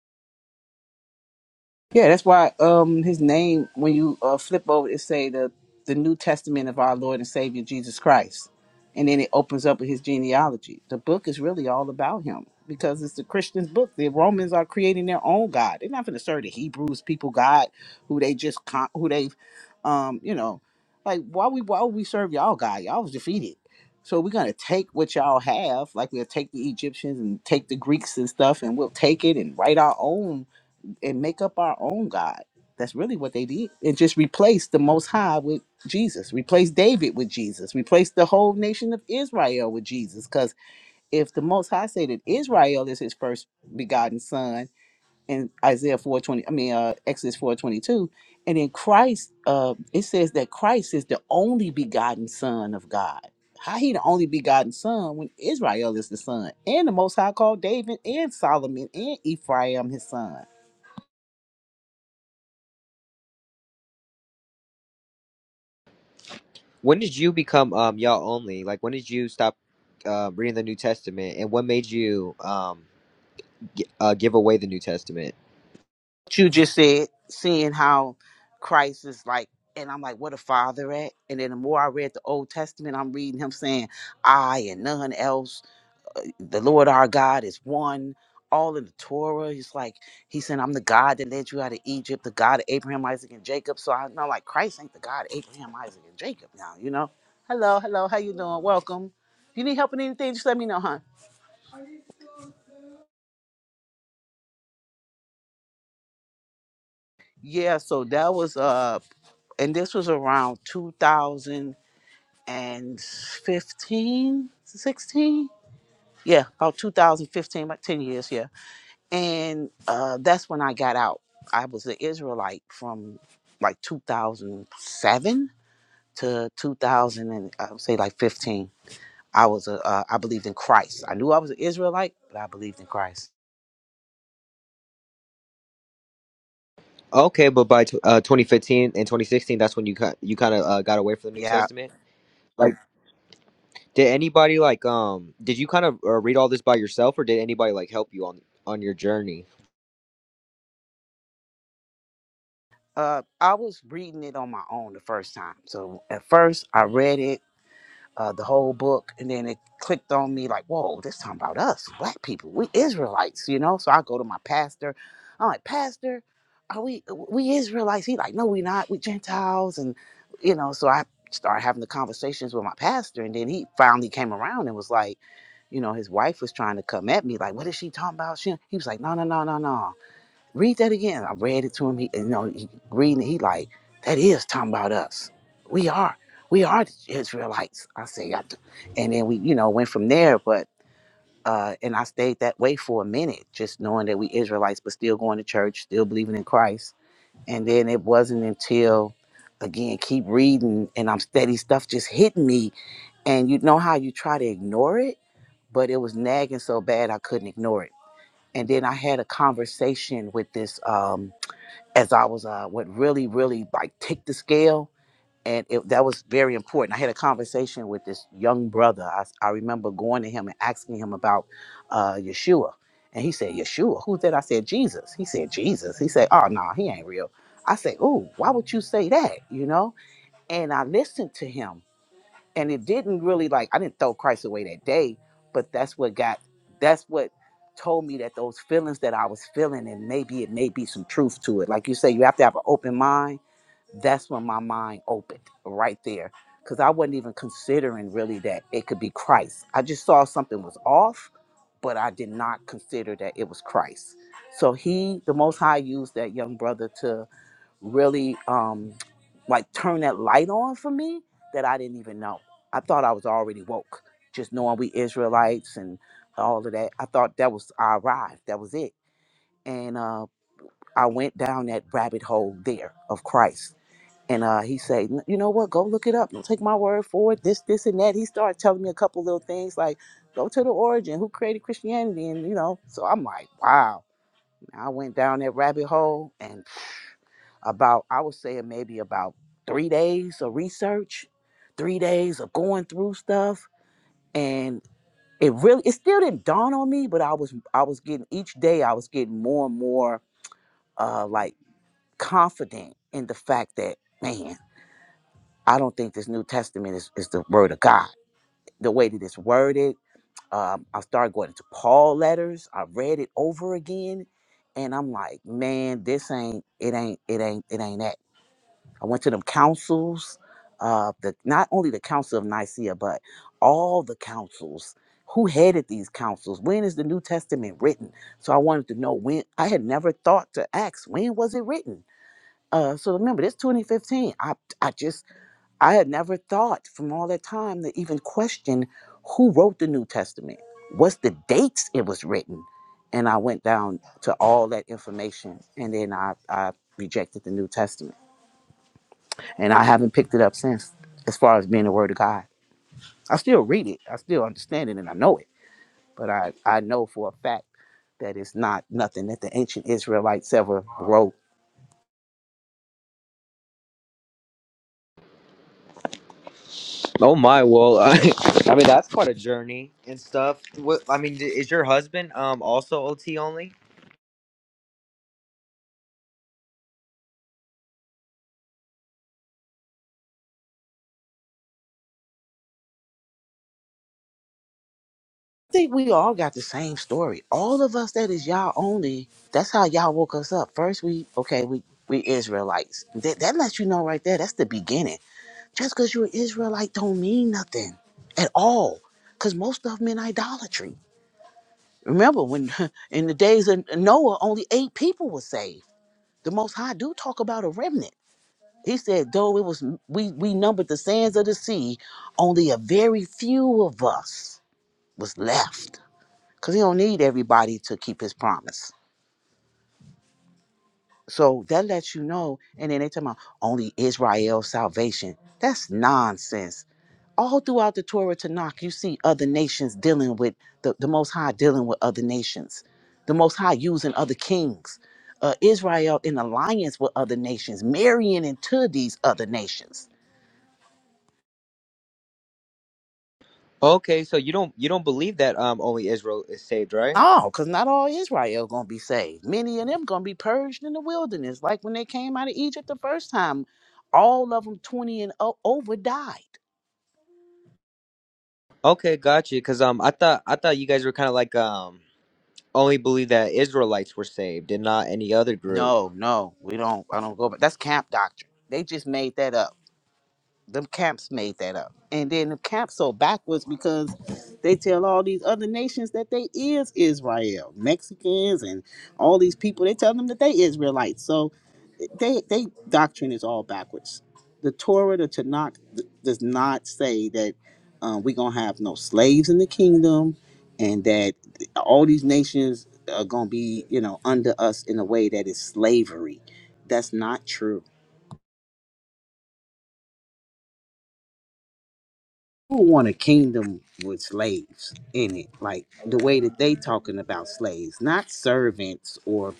Yeah, that's why um his name when you uh, flip over it say the the New Testament of our Lord and Savior Jesus Christ. And then it opens up with his genealogy. The book is really all about him because it's the Christian's book. The Romans are creating their own God. They're not going to serve the Hebrews people God who they just con- who they um you know like why we why would we serve y'all God? Y'all was defeated. So we're gonna take what y'all have, like we'll take the Egyptians and take the Greeks and stuff, and we'll take it and write our own and make up our own God. That's really what they did. And just replace the Most High with Jesus, replace David with Jesus, replace the whole nation of Israel with Jesus. Because if the Most High say that Israel is his first begotten son in Isaiah 420, I mean, uh, Exodus 422, and in Christ, uh, it says that Christ is the only begotten son of God. How he the only begotten son when Israel is the son, and the Most High called David and Solomon and Ephraim his son.
When did you become um y'all only? Like when did you stop uh, reading the New Testament, and what made you um g- uh, give away the New Testament?
you just said, seeing how Christ is like, and I'm like, what a father at? And then the more I read the Old Testament, I'm reading him saying, I and none else, the Lord our God is one. All in the Torah, he's like, he said, I'm the God that led you out of Egypt, the God of Abraham, Isaac, and Jacob. So I know, like, Christ ain't the God of Abraham, Isaac, and Jacob now, you know? Hello, hello, how you doing? Welcome. If you need help with anything, just let me know, huh? Yeah, so that was, uh, and this was around 2000. and 15, 16, Yeah, about 2015, like 10 years, yeah. And uh, that's when I got out. I was an Israelite from like 2007 to 2000, and I would say like 15. I was a, uh, I believed in Christ. I knew I was an Israelite, but I believed in Christ.
Okay, but by tw- uh, 2015 and 2016, that's when you ki- you kind of uh, got away from the New
Yeah.
Testament. Like, did anybody like um did you kind of uh, read all this by yourself, or did anybody like help you on on your journey?
Uh, I was reading it on my own the first time. So at first I read it uh, the whole book, and then it clicked on me like, whoa, this time about us, black people, we Israelites, you know. So I go to my pastor. I'm like, Pastor, are we uh, we Israelites? He like, no, we not. We Gentiles, and you know. So I started having the conversations with my pastor, and then he finally came around and was like, you know, his wife was trying to come at me like, what is she talking about? She, he was like, no, no, no, no, no. Read that again. I read it to him. He, you know, he reading. it, He like that is talking about us. We are, we are the Israelites. I say, I do. and then we, you know, went from there. But uh, and I stayed that way for a minute, just knowing that we Israelites, but still going to church, still believing in Christ. And then it wasn't until, again, keep reading, and I'm steady stuff just hitting me. And you know how you try to ignore it, but it was nagging so bad I couldn't ignore it. And then I had a conversation with this. Um, as I was uh what really really like ticked the scale and it, that was very important. I had a conversation with this young brother. I, I remember going to him and asking him about uh, Yeshua. And he said, Yeshua, who's that? I said, Jesus. He said, Jesus. He said, oh, no, he ain't real. I said, oh, why would you say that? You know? And I listened to him and it didn't really like I didn't throw Christ away that day, but that's what got that's what told me that those feelings that I was feeling and maybe it may be some truth to it. Like you say, you have to have an open mind. That's when my mind opened right there. Cause I wasn't even considering really that it could be Christ. I just saw something was off, but I did not consider that it was Christ. So he, the most high used that young brother to really um like turn that light on for me that I didn't even know. I thought I was already woke, just knowing we Israelites and all of that. I thought that was I arrived. That was it. And uh I went down that rabbit hole there of Christ. And uh, he said, "N- you know what? Go look it up. Don't take my word for it. This, this, and that. He started telling me a couple little things like, go to the origin, who created Christianity, and you know. So I'm like, wow. I went down that rabbit hole and *sighs* about I would say maybe about three days of research, three days of going through stuff, and it really it still didn't dawn on me, but I was I was getting each day I was getting more and more uh like confident in the fact that man I don't think this New Testament is, is the word of God the way that it's worded um, I started going into Paul letters. I read it over again, and I'm like, man, this ain't it ain't it ain't it ain't that. I went to them councils, uh, the not only the Council of Nicaea, but all the councils. Who headed these councils? When is the New Testament written? So I wanted to know when. I had never thought to ask when was it written. Uh, so remember, this 2015. I I just I had never thought from all that time to even question who wrote the New Testament. What's the dates it was written? And I went down to all that information and then I, I rejected the New Testament. And I haven't picked it up since as far as being the Word of God. I still read it, I still understand it, and I know it. But I, I know for a fact that it's not nothing that the ancient Israelites ever wrote
Oh my, well, *laughs* I, I mean that's quite a journey and stuff. What I mean, d- is your husband um also OT only?
I think we all got the same story. All of us that is y'all only, that's how y'all woke us up. First we okay, we we Israelites. That that lets you know right there, that's the beginning. Just because you're an Israelite don't mean nothing at all. Cause most of them in idolatry. Remember when *laughs* in the days of Noah only eight people were saved. The most high do talk about a remnant. He said, though it was we we numbered the sands of the sea, only a very few of us was left because he don't need everybody to keep his promise. So that lets you know. And then they talk about only Israel's salvation. That's nonsense. All throughout the Torah Tanakh, you see other nations dealing with the, the Most High dealing with other nations, the Most High using other kings, uh, Israel in alliance with other nations, marrying into these other nations.
Okay, so you don't you don't believe that um only Israel is saved, right?
No, because not all Israel gonna be saved. Many of them gonna be purged in the wilderness, like when they came out of Egypt the first time. All of them, twenty and o- over, died.
Okay, gotcha. Because um I thought I thought you guys were kind of like um only believe that Israelites were saved and not any other group.
No, no, we don't. I don't go. But that's camp doctrine. They just made that up. Them camps made that up, and then the camps so backwards because they tell all these other nations that they is Israel, Mexicans, and all these people. They tell them that they Israelites. So they they doctrine is all backwards. The Torah, the Tanakh, th- does not say that um, we're gonna have no slaves in the kingdom, and that all these nations are gonna be, you know, under us in a way that is slavery. That's not true who want a kingdom with slaves in it like the way that they talking about slaves not servants or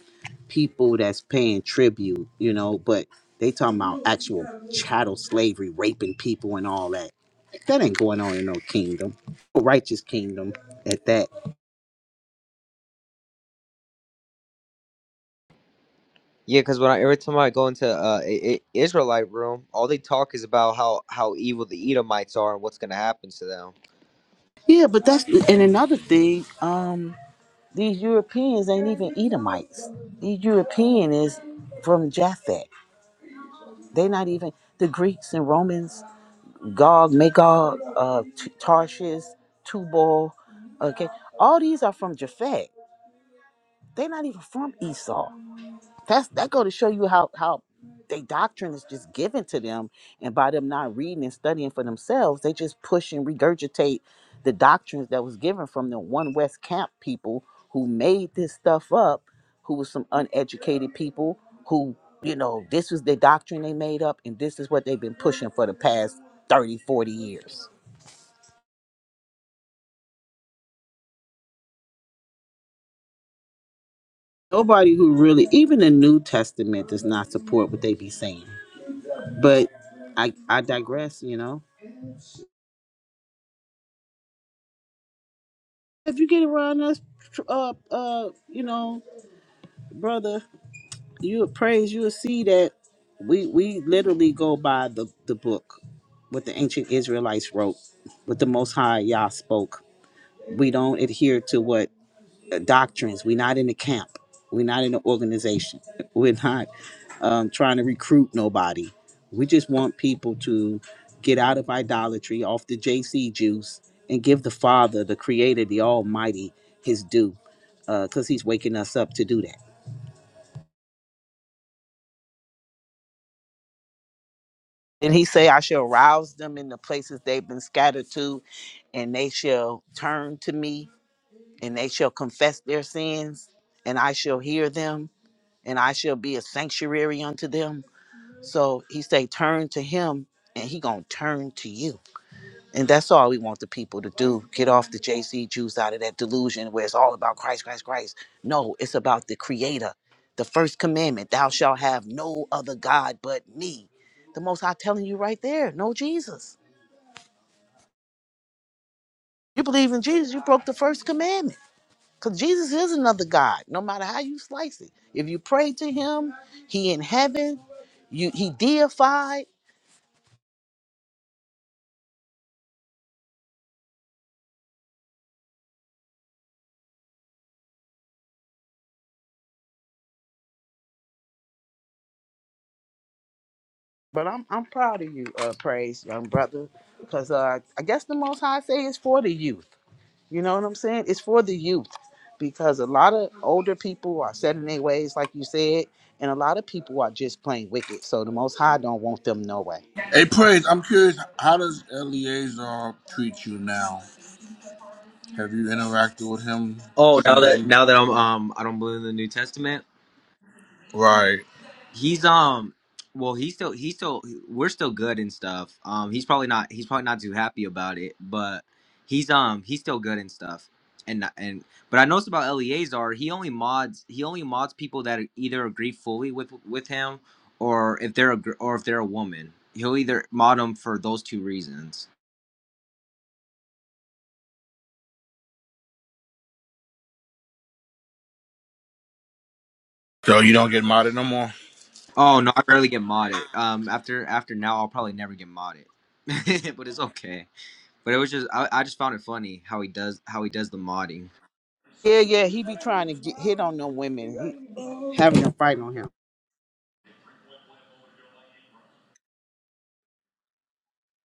people that's paying tribute you know but they talking about actual chattel slavery raping people and all that that ain't going on in no kingdom a righteous kingdom at that
Yeah, because when I, every time I go into uh, I- I- Israelite room, all they talk is about how how evil the Edomites are and what's going to happen to them.
yeah but that's and another thing um these europeans ain't even edomites these european is from japhet they not even the greeks and romans Gog, Magog, uh, T- Tarshish, Tubal. Okay, all these are from Japhet. They're not even from Esau. That's that go to show you how how they doctrine is just given to them, and by them not reading and studying for themselves, they just push and regurgitate the doctrines that was given from the one West Camp people who made this stuff up, who was some uneducated people who you know this was the doctrine they made up, and this is what they've been pushing for the past 30, 40 years. Nobody who really, even the New Testament, does not support what they be saying. But I, I digress. You know, if you get around us, uh, uh, you know, brother, you would praise, you will see that we we literally go by the the book, what the ancient Israelites wrote, what the Most High Yah spoke. We don't adhere to what doctrines. We're not in a camp. We're not in an organization. *laughs* We're not um, trying to recruit nobody. We just want people to get out of idolatry, off the JC juice, and give the Father, the Creator, the Almighty, His due, because He's waking us up to do that. And He say, "I shall rouse them in the places they've been scattered to, and they shall turn to me, and they shall confess their sins, and I shall hear them, and I shall be a sanctuary unto them." So he say, turn to him and he gonna turn to you. And that's all we want the people to do. Get off the JC juice out of that delusion where it's all about Christ, Christ, Christ. No, it's about the creator. The first commandment, thou shalt have no other God but me. The most high telling you right there, no Jesus. You believe in Jesus, you broke the first commandment. Because Jesus is another God, no matter how you slice it. If you pray to him, he in heaven, you he deified. But I'm I'm proud of you, uh, praise young brother, because uh, I guess the Most High say is for the youth. You know what I'm saying? It's for the youth, because a lot of older people are set in their ways, like you said, and a lot of people are just plain wicked. So the Most High don't want them no way.
Hey, Praise, I'm curious, how does Eleazar treat you now? Have you interacted with him
Oh, now
since
that
you.
now that I'm um I don't believe in the New Testament.
Right.
He's um well he's still he's still we're still good and stuff. Um he's probably not he's probably not too happy about it, but he's um he's still good and stuff. And and but I noticed about Eleazar, he only mods he only mods people that either agree fully with with him or if they're a gr- or if they're a woman. He'll either mod them for those two reasons.
So you don't get modded no more?
Oh no, I rarely get modded. Um after after now I'll probably never get modded. *laughs* but it's okay. But it was just I, I just found it funny how he does how he does the modding.
Yeah, yeah, he be trying to get hit on them women, he, having a fight on him.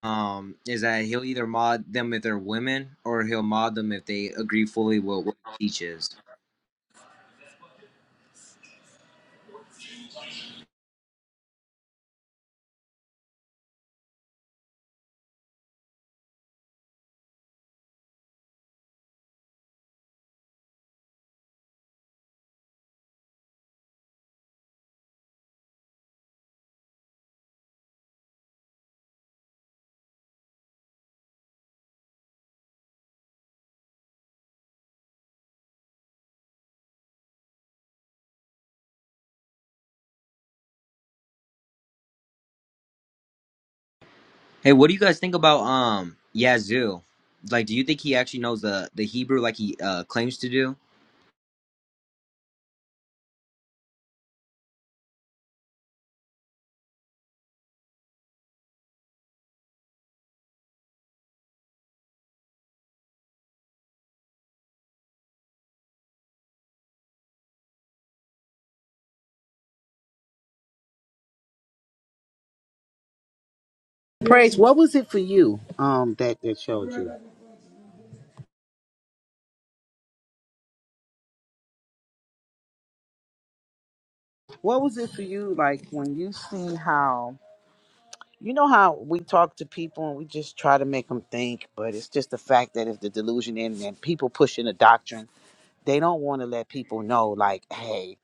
um is that he'll either mod them if they're women or he'll mod them if they agree fully with what he teaches. Hey, what do you guys think about um Yazoo? Like do you think he actually knows the the Hebrew like he uh claims to do?
Praise, what was it for you? Um, that that showed you. What was it for you? Like when you see how? you know how we talk to people and we just try to make them think, but it's just the fact that if the delusion in and people pushing the doctrine, they don't want to let people know, like, hey,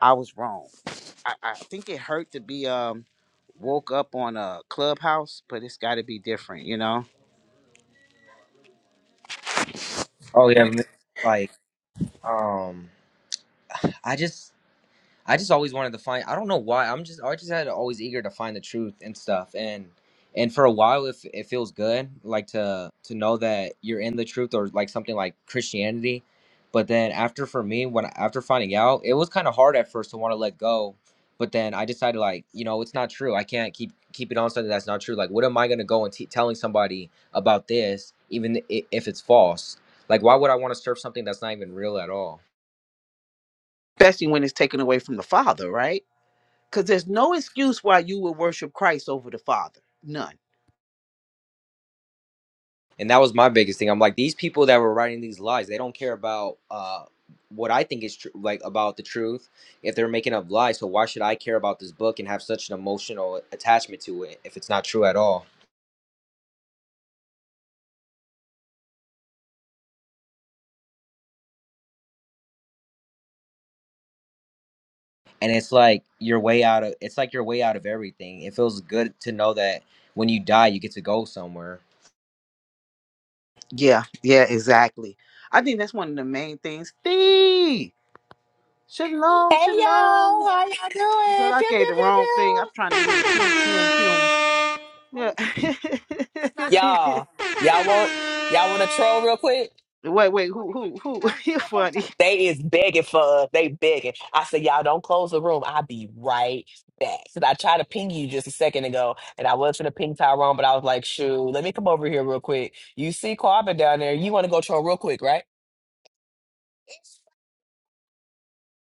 I was wrong. I, I think it hurt to be um woke up on a clubhouse, but it's got to be different, you know,
Oh yeah, m- like um I just I just always wanted to find. I don't know why. I'm just I just had always eager to find the truth and stuff. And and for a while, if it feels good, like to to know that you're in the truth or like something like Christianity. But then after for me, when after finding out, it was kind of hard at first to want to let go. But then I decided like you know it's not true. I can't keep keep it on something that's not true. Like what am I gonna go and t- telling somebody about this even i- if it's false? Like why would I want to serve something that's not even real at all?
especially when it's taken away from the Father, right? Because there's no excuse why you would worship Christ over the Father. None.
and that was my biggest thing i'm like these people that were writing these lies they don't care about uh what i think is true like about the truth if they're making up lies so why should i care about this book and have such an emotional attachment to it if it's not true at all and it's like you're way out of it's like you're way out of everything it feels good to know that when you die you get to go somewhere
Yeah, yeah, exactly. I think that's one of the main things. Steve,
Hey
shalom, shalom.
y'all, how y'all doing?
Girl, I
Pew
gave
pew
the
pew
wrong thing.
pew.
I'm trying to do the pew pew pew. Yeah.
Y'all, y'all want y'all want to troll real
*laughs*
quick?
wait, wait. Who? Who? Who? *laughs* You're funny.
They is begging for us. They begging. I said, y'all don't close the room. I'll be right back. Cause I tried to ping you just a second ago, and I was gonna ping Tyrone, but I was like, shoot, let me come over here real quick. You see Quabba down there? You want to go troll real quick, right?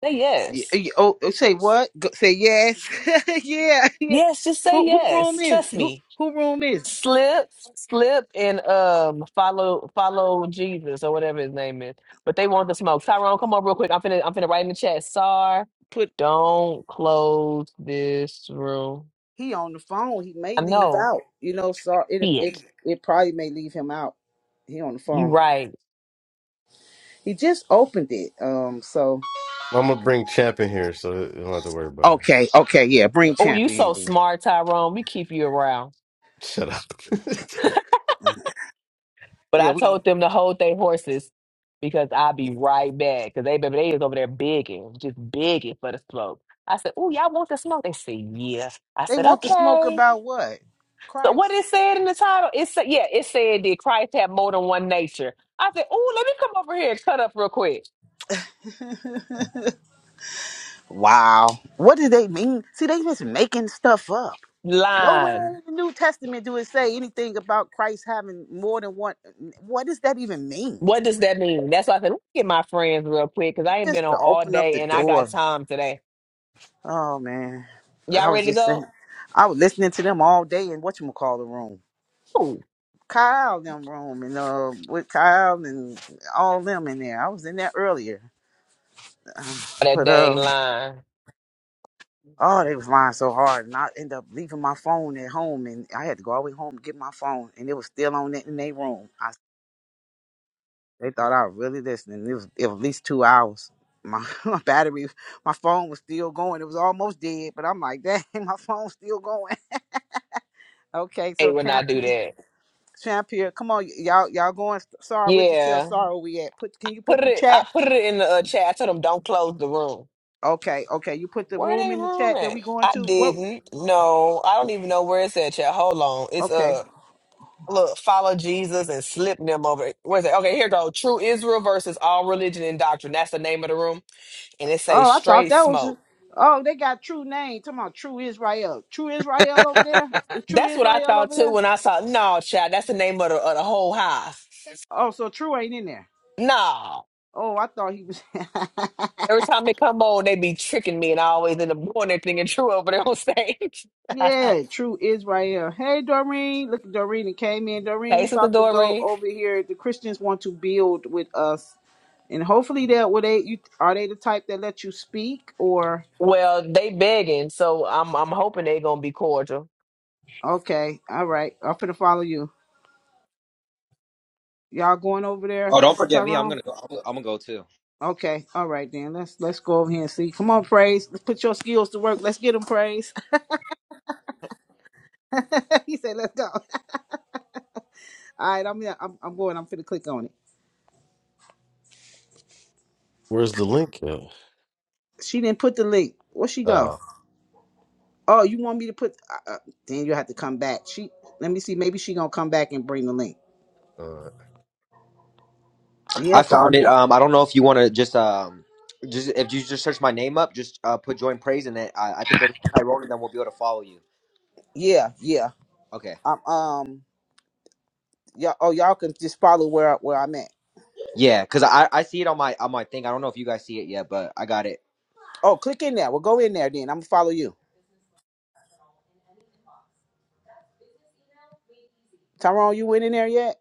Say
Y-
yes.
y- Oh, oh, say what? Go, say yes. *laughs* yeah, yeah.
Yes, just say
Who? Who
yes.
room is
Trust
it? Who?
me.
Who room is it?
slip slip and um follow follow jesus or whatever his name is but they want the smoke tyrone come on real quick i'm finna i'm finna write in the chat sar
Put
don't close this room
he on the phone. He may
i
leave
know
out. You know, so it
see
it
it
it probably may leave him out. He on the
you
phone.
right
He just opened it. Um. So
I'm gonna bring Champ in here, so you don't have to worry about it.
okay, okay, yeah. Bring
oh you
champion.
so
Then.
smart tyrone we keep you around
Shut up.
but
Yeah,
i
we.
told them to hold their horses because i'll be right back because they baby they is over there bigging just bigging for the smoke i said oh y'all want the smoke they said yeah i
They
said
want to smoke
okay
about what?
So what
Christ.
it said in the title? It said, yeah, it said, did Christ have more than one nature? I said, oh, let me come over here and cut up real quick.
Wow. What do they mean? See, they just making stuff up.
Line.
Nowhere in the New Testament do it say anything about Christ having more than one. What does that even mean?
What does that mean? That's why I said, let me get my friends real quick because I
It's
ain't been
just
on
to
all
open up
day
the
and I got
door.
time today.
Oh man, I
Y'all
was
ready to
just saying,
go?
I was listening to them all day in what you call the room,
Ooh,
Kyle them room, and uh, with Kyle and all them in there. I was in there earlier, uh,
that
but
dang
um.
line.
Oh, they was lying so hard, and I ended up leaving my phone at home, and I had to go all the way home to get my phone, and it was still on it in their room. I, they thought I was really listening. It was, it was at least two hours. My, *laughs* my battery, my phone was still going. It was almost dead, but I'm like, dang, *laughs* my phone's still going. *laughs* Okay,
Hate
so
when I
champ,
do
here-
that.
champ here, come on, y- y'all, y'all going? Sorry, where'd you tell
Yeah,
sorry where we at? Put, can you put
put
the
it.
chat?
I put it in the uh, chat. I told them don't close the room.
Okay, okay, you put the
Where
room
they
in the
room
chat that
at?
we going
I
to. What?
didn't. No, I don't even know where it's at. Chat. Hold on. It's
Okay,
up. look, follow Jesus and slip them over. Where's it? Okay, here go. True Israel versus all religion and doctrine. That's the name of the room, and it says
Oh, I thought
straight
that was.
smoke.
Oh, they got true name. Talking about true Israel. True Israel
*laughs*
over there. Is true
That's what I
Israel
thought
over
too
there?
when I saw. No, child, that's the name of the, of the whole house.
Oh, so true ain't in there.
No.
Oh, I thought he was.
Every
*laughs*
time they come on, they be tricking me, and I always end up doing that thing and true over there on stage. *laughs* hey,
yeah, true Israel. Hey, Doreen. Look, Doreen it came in. Doreen, we
Sister
about to go
Doreen.
over here. The Christians want to build with us, and hopefully that will they. You are they the type that let you speak or?
Well, they begging, so I'm I'm hoping they gonna be cordial.
Okay, all right. I'm finna follow you. Y'all going over there,
oh don't forget me i'm
Tyrone?
gonna go i'm, I'm gonna go too
Okay, all right then. Let's let's go over here and see. Come on, praise. Let's put your skills to work. Let's get them praise. *laughs* he said, "Let's go." *laughs* All right, I'm here. I'm, I'm going. I'm finna click on it.
*laughs* Where's the link at?
She didn't put the link. Where she
Oh,
go?
all
Oh, you want me to put? Uh, uh, then you have to come back. She. Let me see. Maybe she gonna come back and bring the link.
right.
I
Yeah. 'cause-
found it. Um, I don't know if you want to just um, just if you just search my name up, just uh, put join praise in it. I, I think every Tyrone and then will be able to follow you.
yeah. Yeah.
Okay.
Um. Um. Y'all. Oh, y'all can just follow where I- where I'm at.
Yeah, cause I I see it on my on my thing. I don't know if you guys see it yet, but I got it.
Oh, click in there. Well, go in there then. I'm gonna follow you. Tyrone, you went in there yet?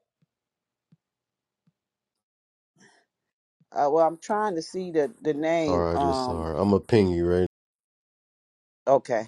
Uh, well, I'm trying to see the the
All
name.
right, just all
Um.
right. I'm gonna ping you right.
Okay.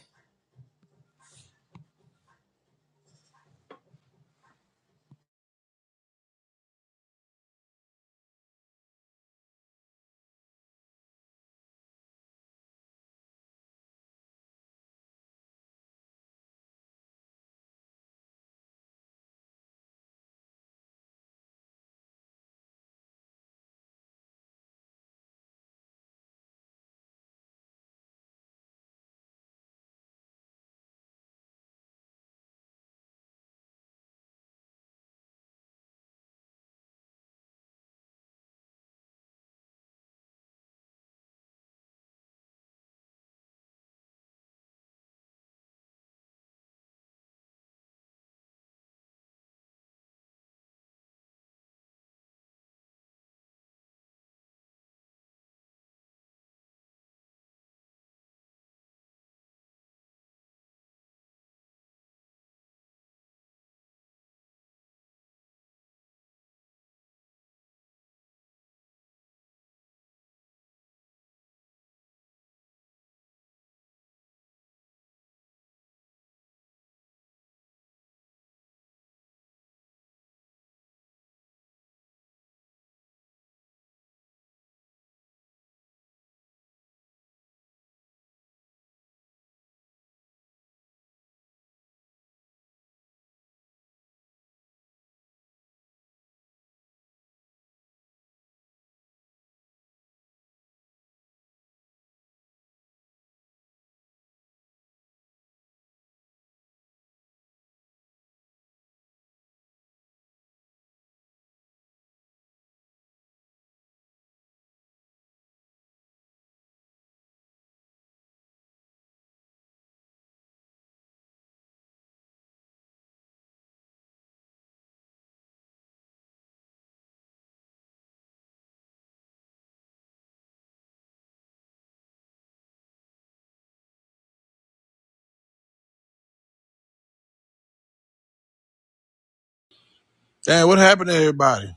Damn, what happened to everybody?